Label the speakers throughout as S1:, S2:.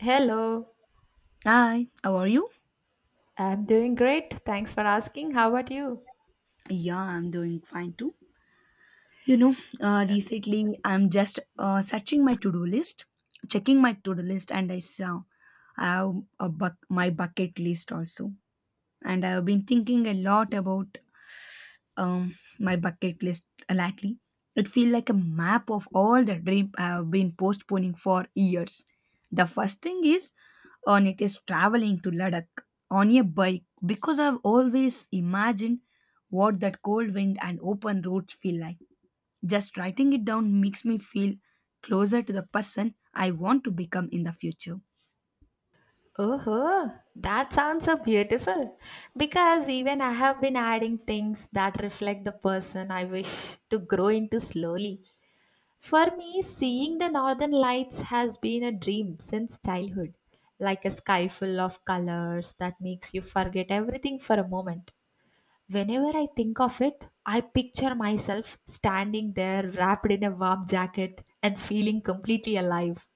S1: Hello,
S2: Hi, how are you?
S1: I'm doing great. Thanks for asking. How about you?
S2: Yeah, I'm doing fine too. You know, recently I'm just searching my to-do list, checking my to-do list, and I saw I have a buck my bucket list also, and I've been thinking a lot about my bucket list lately. It feels like a map of all the dream I've been postponing for years. The first thing is on it is traveling to Ladakh on a bike because I've always imagined what that cold wind and open roads feel like. Just writing it down makes me feel closer to the person I want to become in the future.
S1: Oh, that sounds so beautiful. Because even I have been adding things that reflect the person I wish to grow into slowly. For me, seeing the northern lights has been a dream since childhood, like a sky full of colors that makes you forget everything for a moment. Whenever I think of it, I picture myself standing there wrapped in a warm jacket and feeling completely alive.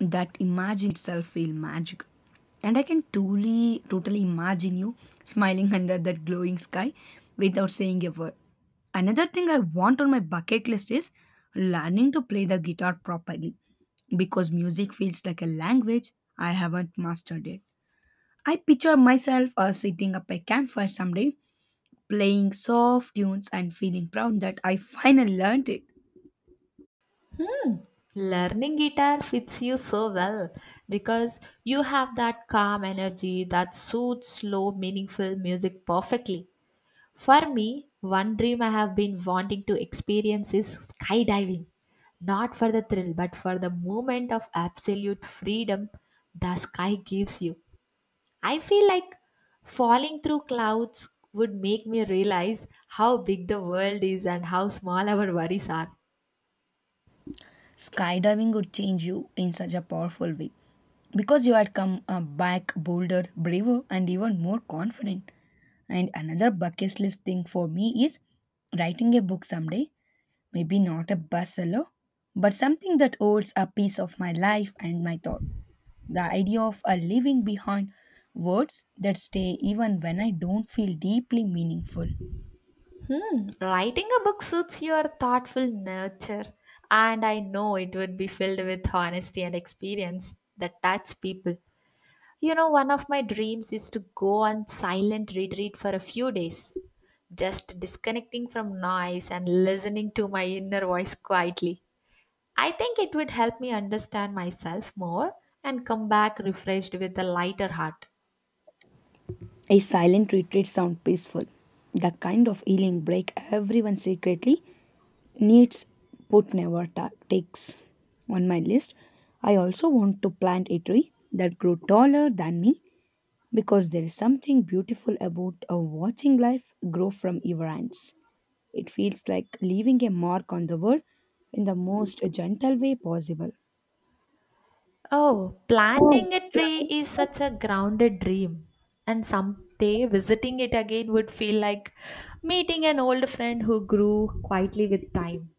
S2: That imagine itself feel magical. And I can totally imagine you smiling under that glowing sky without saying a word. Another thing I want on my bucket list is learning to play the guitar properly because music feels like a language I haven't mastered it. I picture myself sitting up a campfire someday, playing soft tunes and feeling proud that I finally learned it.
S1: Hmm, learning guitar fits you so well because you have that calm energy that suits slow, meaningful music perfectly. For me, one dream I have been wanting to experience is skydiving. Not for the thrill, but for the moment of absolute freedom the sky gives you. I feel like falling through clouds would make me realize how big the world is and how small our worries are.
S2: Skydiving would change you in such a powerful way because you had come back bolder, braver, and even more confident. And another bucket list thing for me is writing a book someday, maybe not a bestseller, but something that holds a piece of my life and my thought. The idea of a living behind words that stay even when I don't feel deeply meaningful.
S1: Writing a book suits your thoughtful nature, and I know it would be filled with honesty and experience that touch people. You know, one of my dreams is to go on silent retreat for a few days, just disconnecting from noise and listening to my inner voice quietly. I think it would help me understand myself more and come back refreshed with a lighter heart.
S2: A silent retreat sounds peaceful. The kind of healing break everyone secretly needs but never takes. On my list, I also want to plant a tree that grew taller than me because there is something beautiful about watching life grow from your hands. It feels like leaving a mark on the world in the most gentle way possible.
S1: Oh, planting a tree is such a grounded dream. And someday visiting it again would feel like meeting an old friend who grew quietly with time.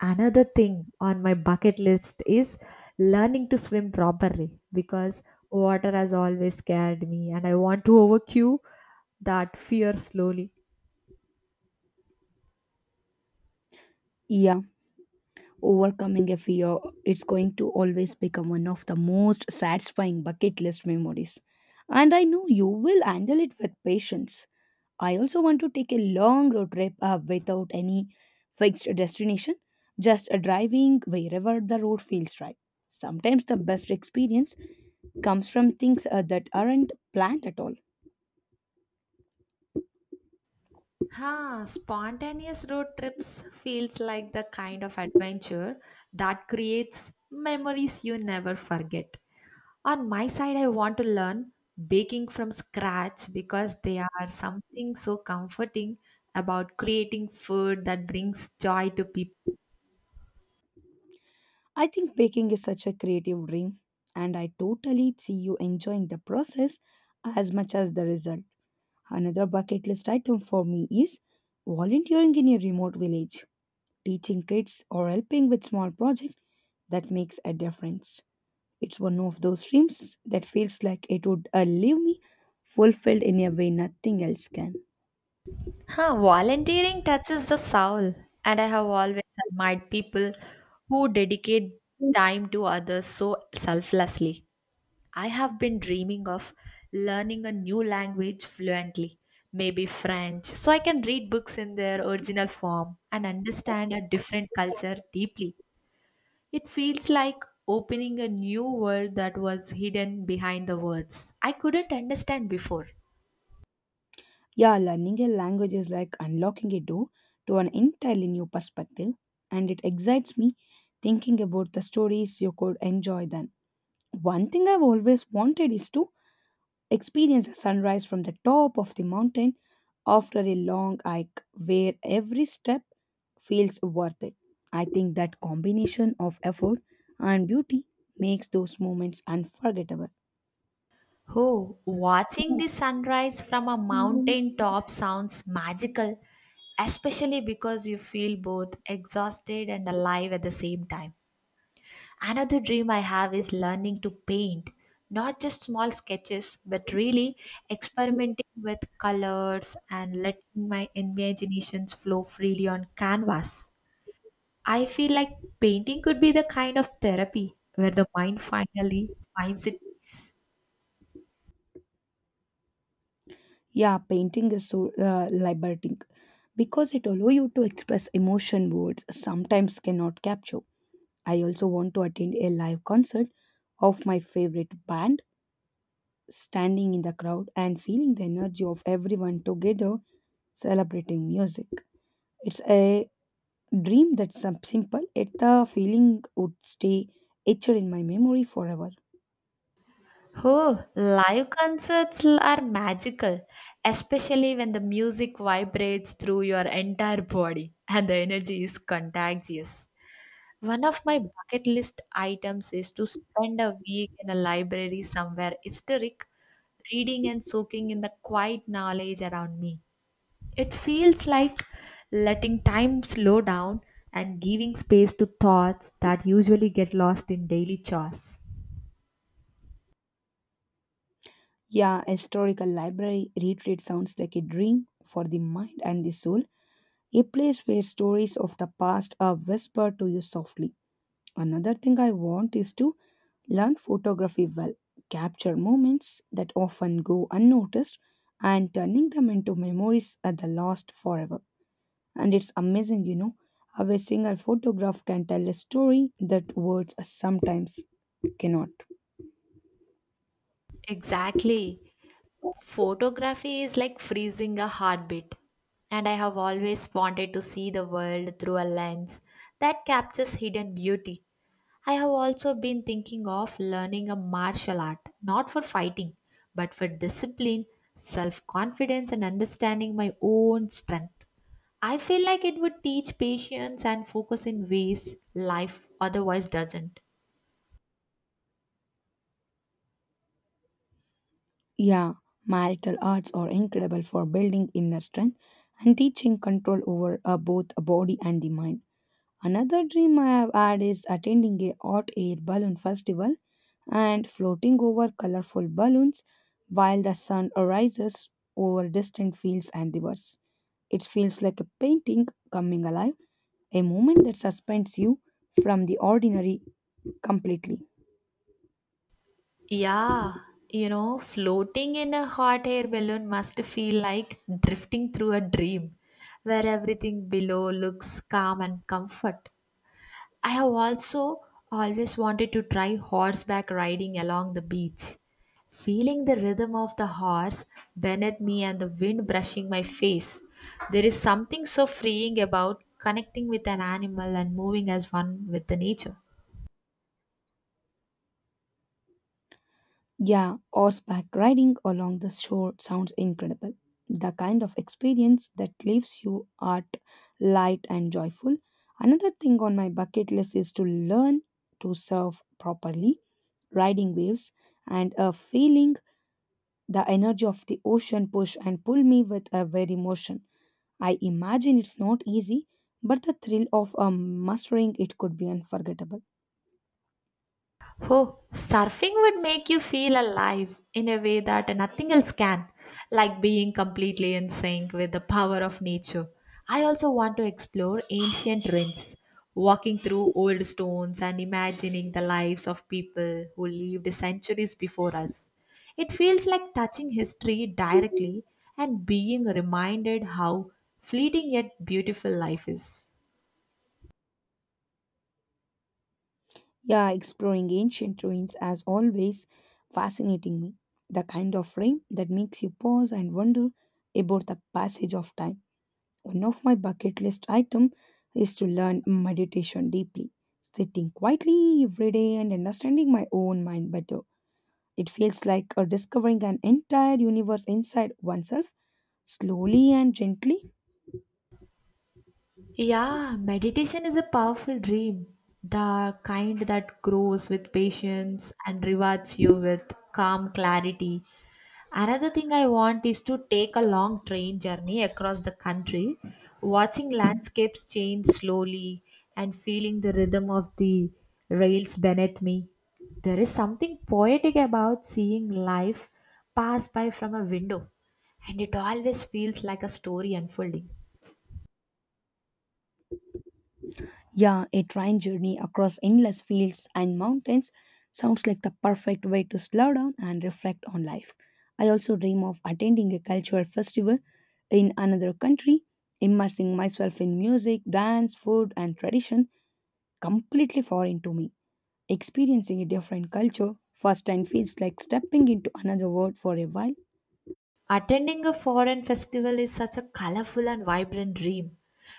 S1: Another thing on my bucket list is learning to swim properly because water has always scared me and I want to overcome that fear slowly.
S2: Yeah. Overcoming a fear, it's going to always become one of the most satisfying bucket list memories. And I know you will handle it with patience. I also want to take a long road trip without any fixed destination, just driving wherever the road feels right. Sometimes the best experience comes from things that aren't planned at all.
S1: Huh, spontaneous road trips feels like the kind of adventure that creates memories you never forget. On my side, I want to learn baking from scratch because there are something so comforting about creating food that brings joy to people.
S2: I think baking is such a creative dream, and I totally see you enjoying the process as much as the result. Another bucket list item for me is volunteering in a remote village, teaching kids or helping with small projects that makes a difference. It's one of those dreams that feels like it would leave me fulfilled in a way nothing else can.
S1: Huh, volunteering touches the soul, and I have always admired people who dedicate time to others so selflessly. I have been dreaming of learning a new language fluently, maybe French, so I can read books in their original form and understand a different culture deeply. It feels like opening a new world that was hidden behind the words I couldn't understand before.
S2: Yeah, learning a language is like unlocking a door to an entirely new perspective, and it excites me thinking about the stories you could enjoy then. One thing I've always wanted is to experience a sunrise from the top of the mountain after a long hike where every step feels worth it. I think that combination of effort and beauty makes those moments unforgettable.
S1: Oh, watching the sunrise from a mountain top sounds magical, especially because you feel both exhausted and alive at the same time. Another dream I have is learning to paint, not just small sketches, but really experimenting with colors and letting my imaginations flow freely on canvas. I feel like painting could be the kind of therapy where the mind finally finds its peace.
S2: Yeah, painting is so liberating because it allows you to express emotion words sometimes cannot capture. I also want to attend a live concert of my favorite band, standing in the crowd and feeling the energy of everyone together celebrating music. It's a dream that's simple, yet the feeling would stay etched in my memory forever.
S1: Oh, live concerts are magical, especially when the music vibrates through your entire body and the energy is contagious. One of my bucket list items is to spend a week in a library somewhere historic, reading and soaking in the quiet knowledge around me. It feels like letting time slow down and giving space to thoughts that usually get lost in daily chores.
S2: Yeah, a historical library retreat sounds like a dream for the mind and the soul, a place where stories of the past are whispered to you softly. Another thing I want is to learn photography well, capture moments that often go unnoticed, and turning them into memories at the lost forever. And it's amazing, how a single photograph can tell a story that words sometimes cannot.
S1: Exactly. Photography is like freezing a heartbeat, and I have always wanted to see the world through a lens that captures hidden beauty. I have also been thinking of learning a martial art, not for fighting, but for discipline, self confidence, and understanding my own strength. I feel like it would teach patience and focus in ways life otherwise doesn't.
S2: Yeah, marital arts are incredible for building inner strength and teaching control over both a body and the mind. Another dream I have had is attending a hot air balloon festival and floating over colorful balloons while the sun arises over distant fields and rivers. It feels like a painting coming alive, a moment that suspends you from the ordinary completely.
S1: Yeah, you know, floating in a hot air balloon must feel like drifting through a dream where everything below looks calm and comfort. I have also always wanted to try horseback riding along the beach, feeling the rhythm of the horse beneath me and the wind brushing my face. There is something so freeing about connecting with an animal and moving as one with the nature.
S2: Yeah, horseback riding along the shore sounds incredible. The kind of experience that leaves you art, light, and joyful. Another thing on my bucket list is to learn to surf properly, riding waves, and a feeling the energy of the ocean push and pull me with a very motion. I imagine it's not easy, but the thrill of mastering it could be unforgettable.
S1: Oh, surfing would make you feel alive in a way that nothing else can, like being completely in sync with the power of nature. I also want to explore ancient ruins, walking through old stones and imagining the lives of people who lived centuries before us. It feels like touching history directly and being reminded how fleeting yet beautiful life is.
S2: Yeah, exploring ancient ruins has always fascinating me. The kind of frame that makes you pause and wonder about the passage of time. One of my bucket list item is to learn meditation deeply, sitting quietly every day and understanding my own mind better. It feels like discovering an entire universe inside oneself, slowly and gently.
S1: Yeah, meditation is a powerful dream, the kind that grows with patience and rewards you with calm clarity. Another thing I want is to take a long train journey across the country, watching landscapes change slowly and feeling the rhythm of the rails beneath me. There is something poetic about seeing life pass by from a window, and it always feels like a story unfolding.
S2: Yeah, a train journey across endless fields and mountains sounds like the perfect way to slow down and reflect on life. I also dream of attending a cultural festival in another country, immersing myself in music, dance, food, and tradition completely foreign to me. Experiencing a different culture firsthand feels like stepping into another world for a while.
S1: Attending a foreign festival is such a colorful and vibrant dream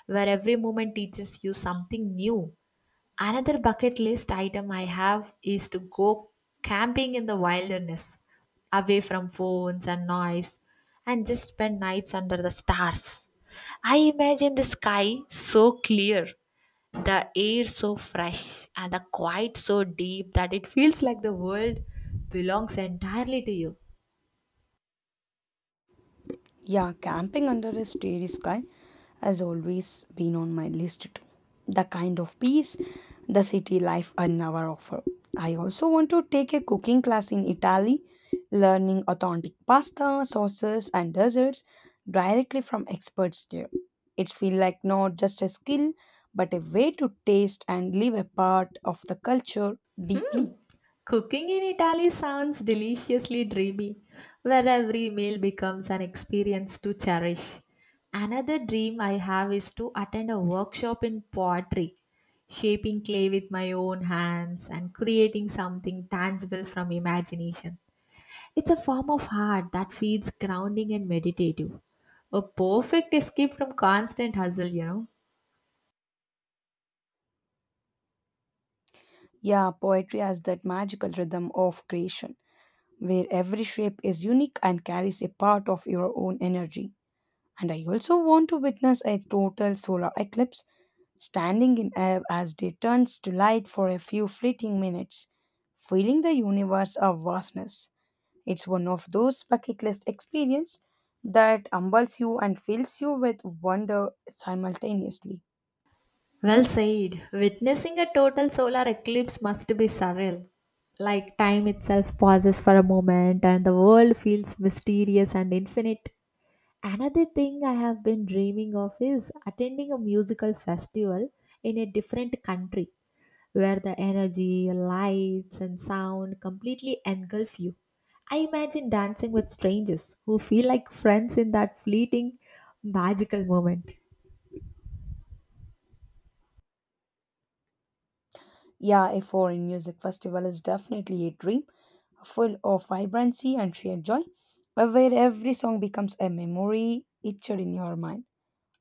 S1: where every moment teaches you something new. Another bucket list item I have is to go camping in the wilderness, away from phones and noise, and just spend nights under the stars. I imagine the sky so clear, the air so fresh, and the quiet so deep that it feels like the world belongs entirely to you.
S2: Yeah, camping under a starry sky has always been on my list too. The kind of peace the city life I never offer. I also want to take a cooking class in Italy, learning authentic pasta, sauces, and desserts directly from experts there. It feels like not just a skill, but a way to taste and live a part of the culture deeply.
S1: Hmm. Cooking in Italy sounds deliciously dreamy, where every meal becomes an experience to cherish. Another dream I have is to attend a workshop in pottery, shaping clay with my own hands and creating something tangible from imagination. It's a form of art that feels grounding and meditative, a perfect escape from constant hustle, you know.
S2: Yeah, poetry has that magical rhythm of creation where every shape is unique and carries a part of your own energy. And I also want to witness a total solar eclipse standing in awe as day turns to light for a few fleeting minutes, feeling the universe of vastness. It's one of those bucket list experiences that humbles you and fills you with wonder simultaneously.
S1: Well said. Witnessing a total solar eclipse must be surreal. Like time itself pauses for a moment and the world feels mysterious and infinite. Another thing I have been dreaming of is attending a musical festival in a different country where the energy, lights, and sound completely engulf you. I imagine dancing with strangers who feel like friends in that fleeting, magical moment.
S2: Yeah, a foreign music festival is definitely a dream, full of vibrancy and sheer joy, where every song becomes a memory etched in your mind.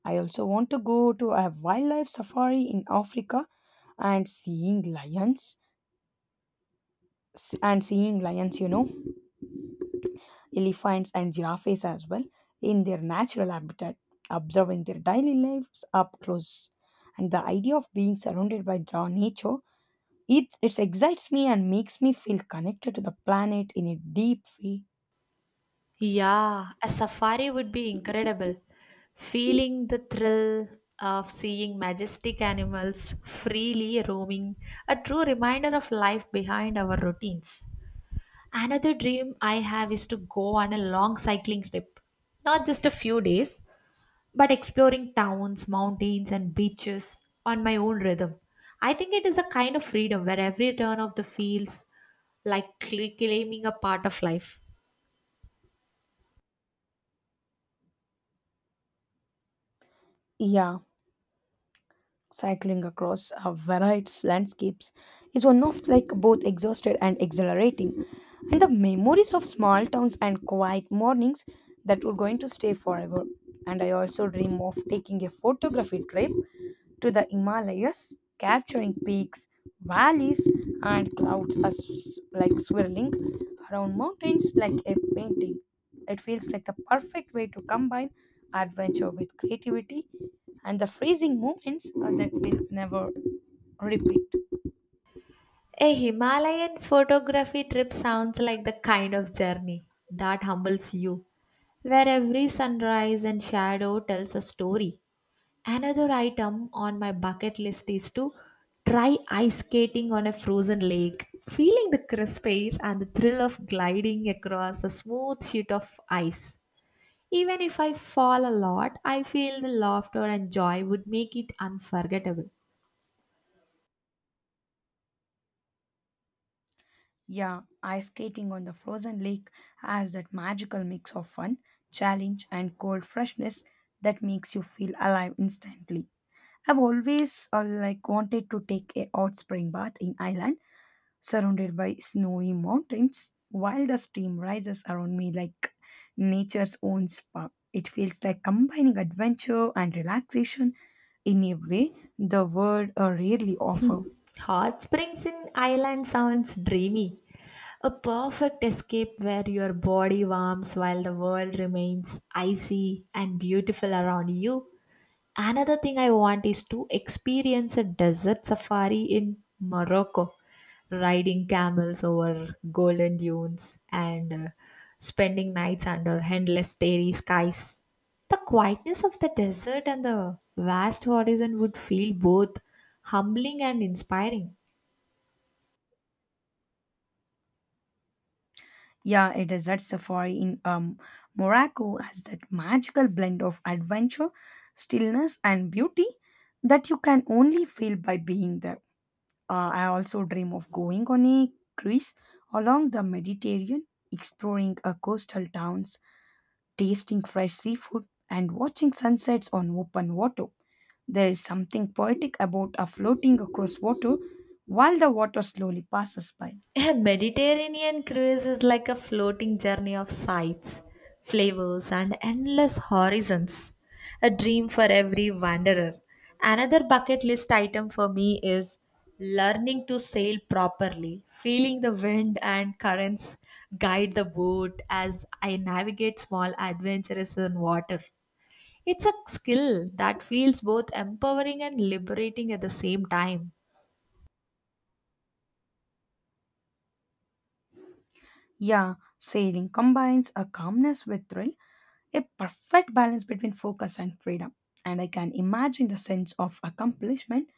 S2: I also want to go to a wildlife safari in Africa and seeing lions and seeing lions, elephants and giraffes as well in their natural habitat, observing their daily lives up close. And the idea of being surrounded by raw nature, it excites me and makes me feel connected to the planet in a deep way.
S1: Yeah, a safari would be incredible. Feeling the thrill of seeing majestic animals freely roaming, a true reminder of life behind our routines. Another dream I have is to go on a long cycling trip, not just a few days, but exploring towns, mountains, and beaches on my own rhythm. I think it is a kind of freedom where every turn of the feels like claiming a part of life.
S2: Yeah, cycling across a varied landscapes is one of like both exhausted and exhilarating. And the memories of small towns and quiet mornings that were going to stay forever. And I also dream of taking a photography trip to the Himalayas, capturing peaks, valleys, and clouds as like swirling around mountains like a painting. It feels like the perfect way to combine adventure with creativity and the freezing moments that will never repeat.
S1: A Himalayan photography trip sounds like the kind of journey that humbles you, where every sunrise and shadow tells a story. Another item on my bucket list is to try ice skating on a frozen lake, feeling the crisp air and the thrill of gliding across a smooth sheet of ice. Even if I fall a lot, I feel the laughter and joy would make it unforgettable.
S2: Yeah, ice skating on the frozen lake has that magical mix of fun, challenge, and cold freshness that makes you feel alive instantly. I've always wanted to take a hot spring bath in Ireland, surrounded by snowy mountains, while the stream rises around me like nature's own spa. It feels like combining adventure and relaxation in a way the world rarely offer.
S1: Hot springs in Ireland sounds dreamy. A perfect escape where your body warms while the world remains icy and beautiful around you. Another thing I want is to experience a desert safari in Morocco, riding camels over golden dunes and spending nights under endless starry skies. The quietness of the desert and the vast horizon would feel both humbling and inspiring.
S2: Yeah, a desert safari in Morocco has that magical blend of adventure, stillness, and beauty that you can only feel by being there. I also dream of going on a cruise along the Mediterranean, exploring coastal towns, tasting fresh seafood, and watching sunsets on open water. There is something poetic about a floating across water while the water slowly passes by.
S1: A Mediterranean cruise is like a floating journey of sights, flavors, and endless horizons. A dream for every wanderer. Another bucket list item for me is learning to sail properly, feeling the wind and currents guide the boat as I navigate small adventures in water. It's a skill that feels both empowering and liberating at the same time.
S2: Yeah, sailing combines a calmness with thrill, a perfect balance between focus and freedom. And I can imagine the sense of accomplishment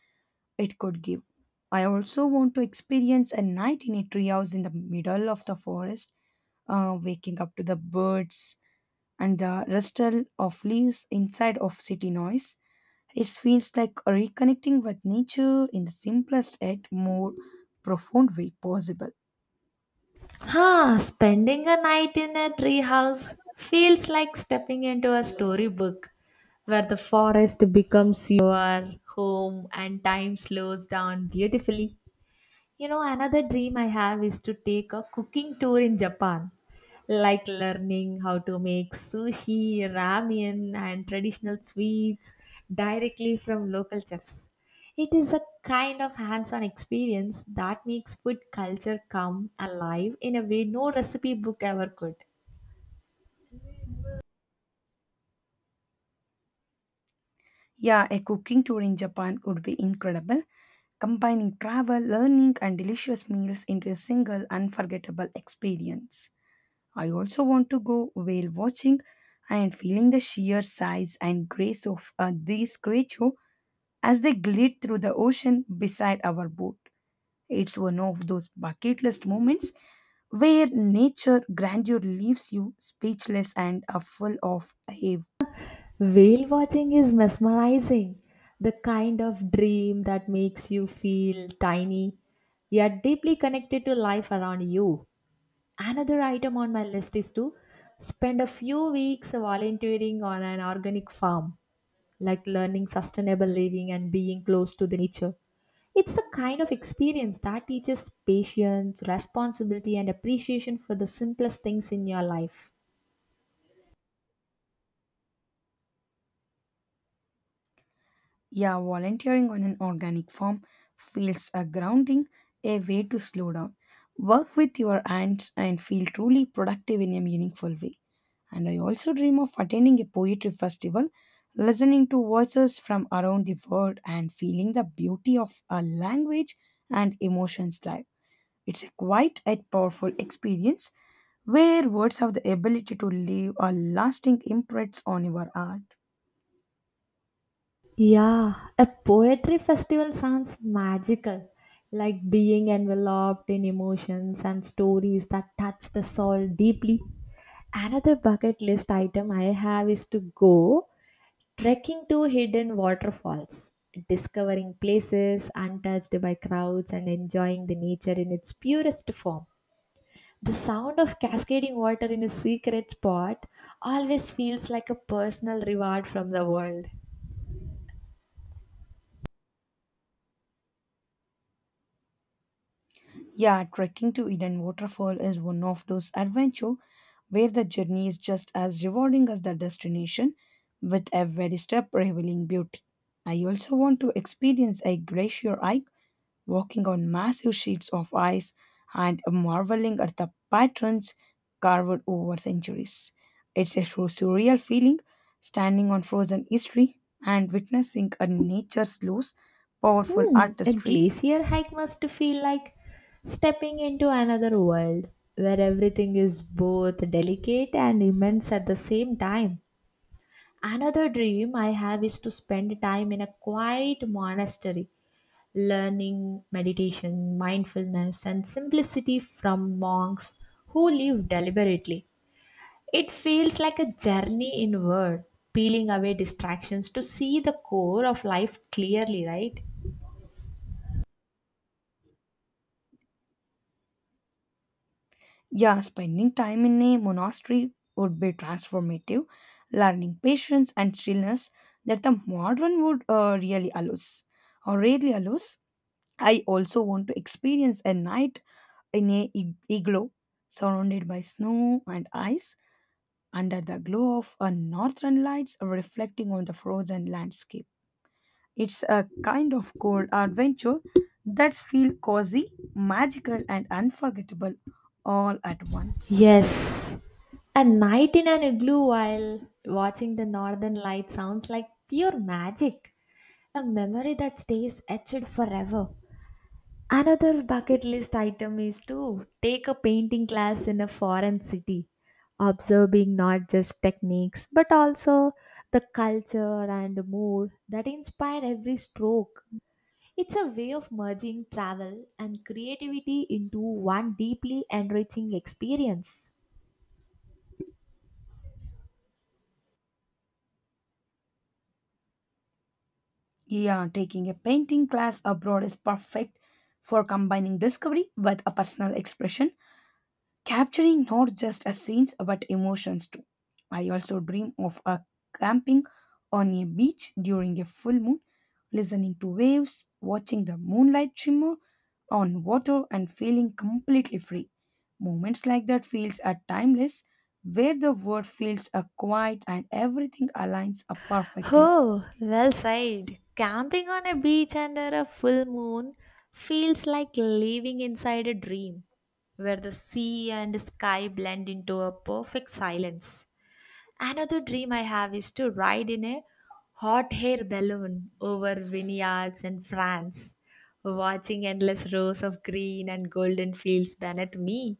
S2: it could give. I also want to experience a night in a treehouse in the middle of the forest, waking up to the birds and the rustle of leaves inside of city noise. It feels like reconnecting with nature in the simplest yet more profound way possible.
S1: Huh, spending a night in a treehouse feels like stepping into a storybook where the forest becomes your home and time slows down beautifully. You know, another dream I have is to take a cooking tour in Japan, like learning how to make sushi, ramen, and traditional sweets directly from local chefs. It is a kind of hands on experience that makes food culture come alive in a way no recipe book ever could.
S2: Yeah, a cooking tour in Japan would be incredible, combining travel, learning, and delicious meals into a single unforgettable experience. I also want to go whale watching and feeling the sheer size and grace of these creatures as they glide through the ocean beside our boat. It's one of those bucket list moments where nature grandeur leaves you speechless and full of awe.
S1: Whale watching is mesmerizing, the kind of dream that makes you feel tiny yet deeply connected to life around you. Another item on my list is to spend a few weeks volunteering on an organic farm, like learning sustainable living and being close to the nature. It's the kind of experience that teaches patience, responsibility, and appreciation for the simplest things in your life.
S2: Yeah, volunteering on an organic farm feels a grounding, a way to slow down, work with your hands, and feel truly productive in a meaningful way. And I also dream of attending a poetry festival, listening to voices from around the world, and feeling the beauty of a language and emotions live. It's a quite a powerful experience where words have the ability to leave a lasting imprint on your art.
S1: Yeah, a poetry festival sounds magical, like being enveloped in emotions and stories that touch the soul deeply. Another bucket list item I have is to go trekking to hidden waterfalls, discovering places untouched by crowds and enjoying the nature in its purest form. The sound of cascading water in a secret spot always feels like a personal reward from the world.
S2: Yeah, trekking to Eden Waterfall is one of those adventure where the journey is just as rewarding as the destination, with every step revealing beauty. I also want to experience a glacier hike walking on massive sheets of ice and marveling at the patterns carved over centuries. It's a true surreal feeling standing on frozen history and witnessing a nature's loose, powerful
S1: Hmm, a
S2: artistry.
S1: glacier hike must feel like stepping into another world where everything is both delicate and immense at the same time. Another dream I have is to spend time in a quiet monastery learning, meditation, mindfulness, and simplicity from monks who live deliberately. It feels like a journey inward, peeling away distractions to see the core of life clearly, right?
S2: Yeah, spending time in a monastery would be transformative, learning patience and stillness that the modern would really allows or rarely allows. I also want to experience a night in a igloo surrounded by snow and ice under the glow of a northern lights reflecting on the frozen landscape. It's a kind of cold adventure that feels cozy, magical, and unforgettable all at once.
S1: Yes. A night in an igloo while watching the northern light sounds like pure magic, a memory that stays etched forever. Another bucket list item is to take a painting class in a foreign city, observing not just techniques but also the culture and mood that inspire every stroke. It's a way of merging travel and creativity into one deeply enriching experience.
S2: Yeah, taking a painting class abroad is perfect for combining discovery with a personal expression capturing not just a scenes but emotions too. I also dream of a camping on a beach during a full moon, listening to waves, watching the moonlight shimmer on water and feeling completely free. Moments like that feels are timeless where the world feels a quiet and everything aligns up perfectly.
S1: Oh, well said. Camping on a beach under a full moon feels like living inside a dream where the sea and sky blend into a perfect silence. Another dream I have is to ride in a hot air balloon over vineyards in France, watching endless rows of green and golden fields beneath me.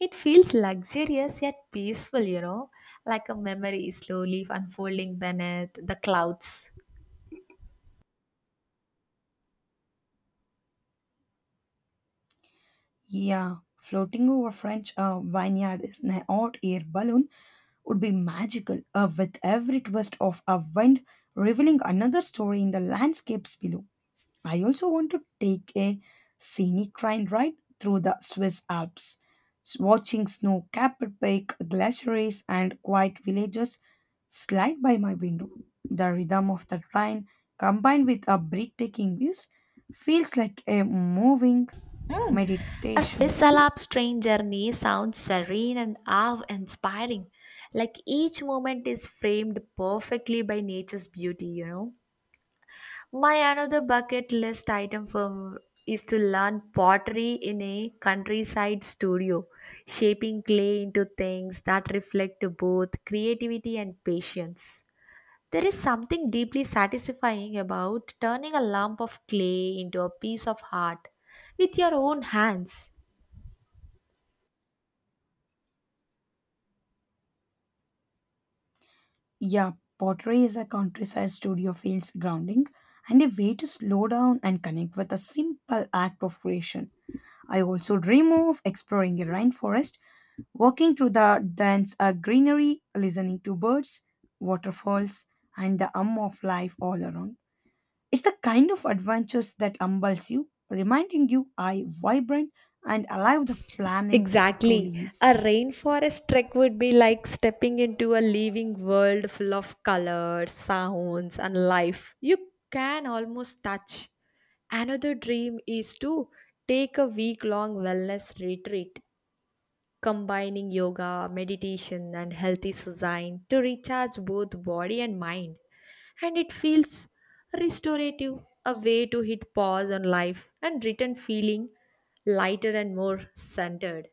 S1: It feels luxurious yet peaceful, you know, like a memory slowly unfolding beneath the clouds.
S2: Yeah, floating over French vineyard is an hot air balloon would be magical, with every twist of a wind revealing another story in the landscapes below. I also want to take a scenic train ride right, through the Swiss Alps, watching snow capped peak, glaciers, and quiet villages slide by my window. The rhythm of the train, combined with a breathtaking views, feels like a moving
S1: Hmm. A
S2: meditation.
S1: Swiss Alps train journey sounds serene and awe inspiring. Like each moment is framed perfectly by nature's beauty, you know. My another bucket list item for is to learn pottery in a countryside studio, shaping clay into things that reflect both creativity and patience. There is something deeply satisfying about turning a lump of clay into a piece of art with your own hands.
S2: Yeah, pottery is a countryside studio feels grounding and a way to slow down and connect with a simple act of creation. I also dream of exploring a rainforest, walking through the dense greenery, listening to birds, waterfalls, and the hum of life all around. It's the kind of adventures that humbles you, reminding you how vibrant and alive the planet truly
S1: Exactly. A
S2: is.
S1: rainforest trek would be like stepping into a living world full of colors, sounds, and life you can almost touch. Another dream is to take a week long wellness retreat combining yoga, meditation, and healthy design to recharge both body and mind. And it feels restorative, a way to hit pause on life and return feeling lighter and more centered.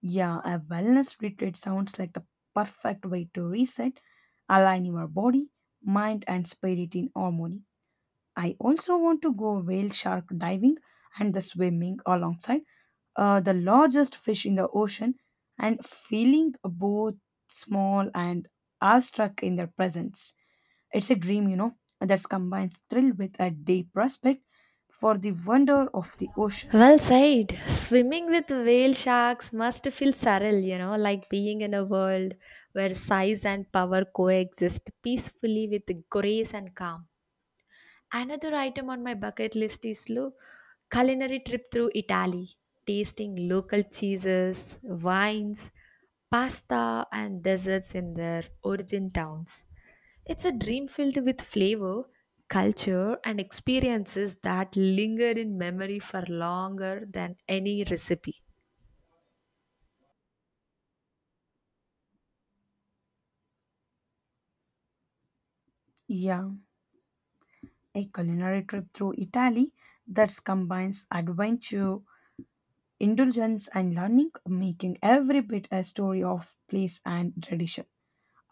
S2: Yeah, a wellness retreat sounds like the perfect way to reset, align your body, mind, and spirit in harmony. I also want to go whale shark diving and the swimming alongside the largest fish in the ocean and feeling both small and awestruck in their presence. It's a dream, you know, that combines thrill with a deep respect for the wonder of the ocean.
S1: Well said. Swimming with whale sharks must feel surreal, you know, like being in a world where size and power coexist peacefully with grace and calm. Another item on my bucket list is culinary trip through Italy, tasting local cheeses, wines, pasta, and desserts in their origin towns. It's a dream filled with flavor, culture, and experiences that linger in memory for longer than any recipe.
S2: Yeah, a culinary trip through Italy that combines adventure, indulgence, and learning, making every bit a story of place and tradition.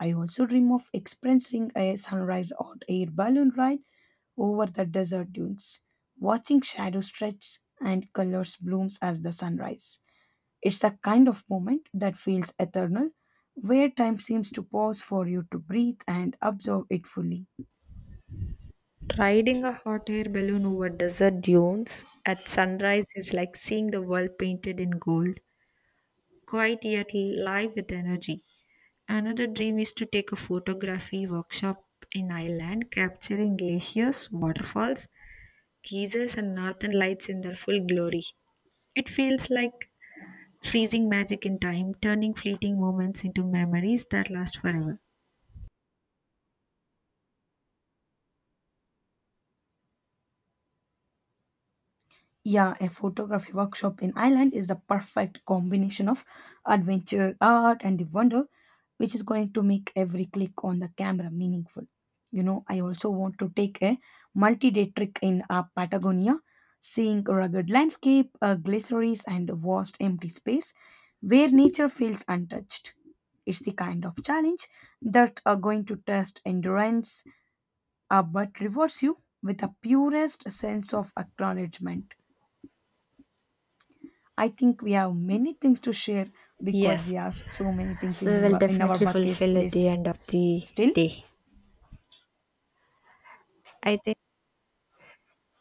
S2: I also dream of experiencing a sunrise hot air balloon ride over the desert dunes, watching shadows stretch and colors blooms as the sun rises. It's the kind of moment that feels eternal, where time seems to pause for you to breathe and absorb it fully.
S1: Riding a hot air balloon over desert dunes at sunrise is like seeing the world painted in gold, quite yet live with energy. Another dream is to take a photography workshop in Ireland, capturing glaciers, waterfalls, geysers, and northern lights in their full glory. It feels like freezing magic in time, turning fleeting moments into memories that last forever.
S2: Yeah, a photography workshop in Ireland is the perfect combination of adventure, art, and the wonder which is going to make every click on the camera meaningful. You know, I also want to take a multi day trip in Patagonia, seeing rugged landscape, glaciers, and vast empty space where nature feels untouched. It's the kind of challenge that are going to test endurance but rewards you with the purest sense of acknowledgement. I think we have many things to share because we
S1: Yes,
S2: have so many things
S1: we
S2: in
S1: will
S2: our
S1: definitely
S2: bucket
S1: fulfill at
S2: list
S1: the end of the
S2: still.
S1: day. I think,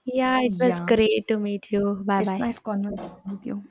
S1: yeah, it was
S2: Yeah.
S1: great to meet you. Bye
S2: It's
S1: bye.
S2: nice conversation with you.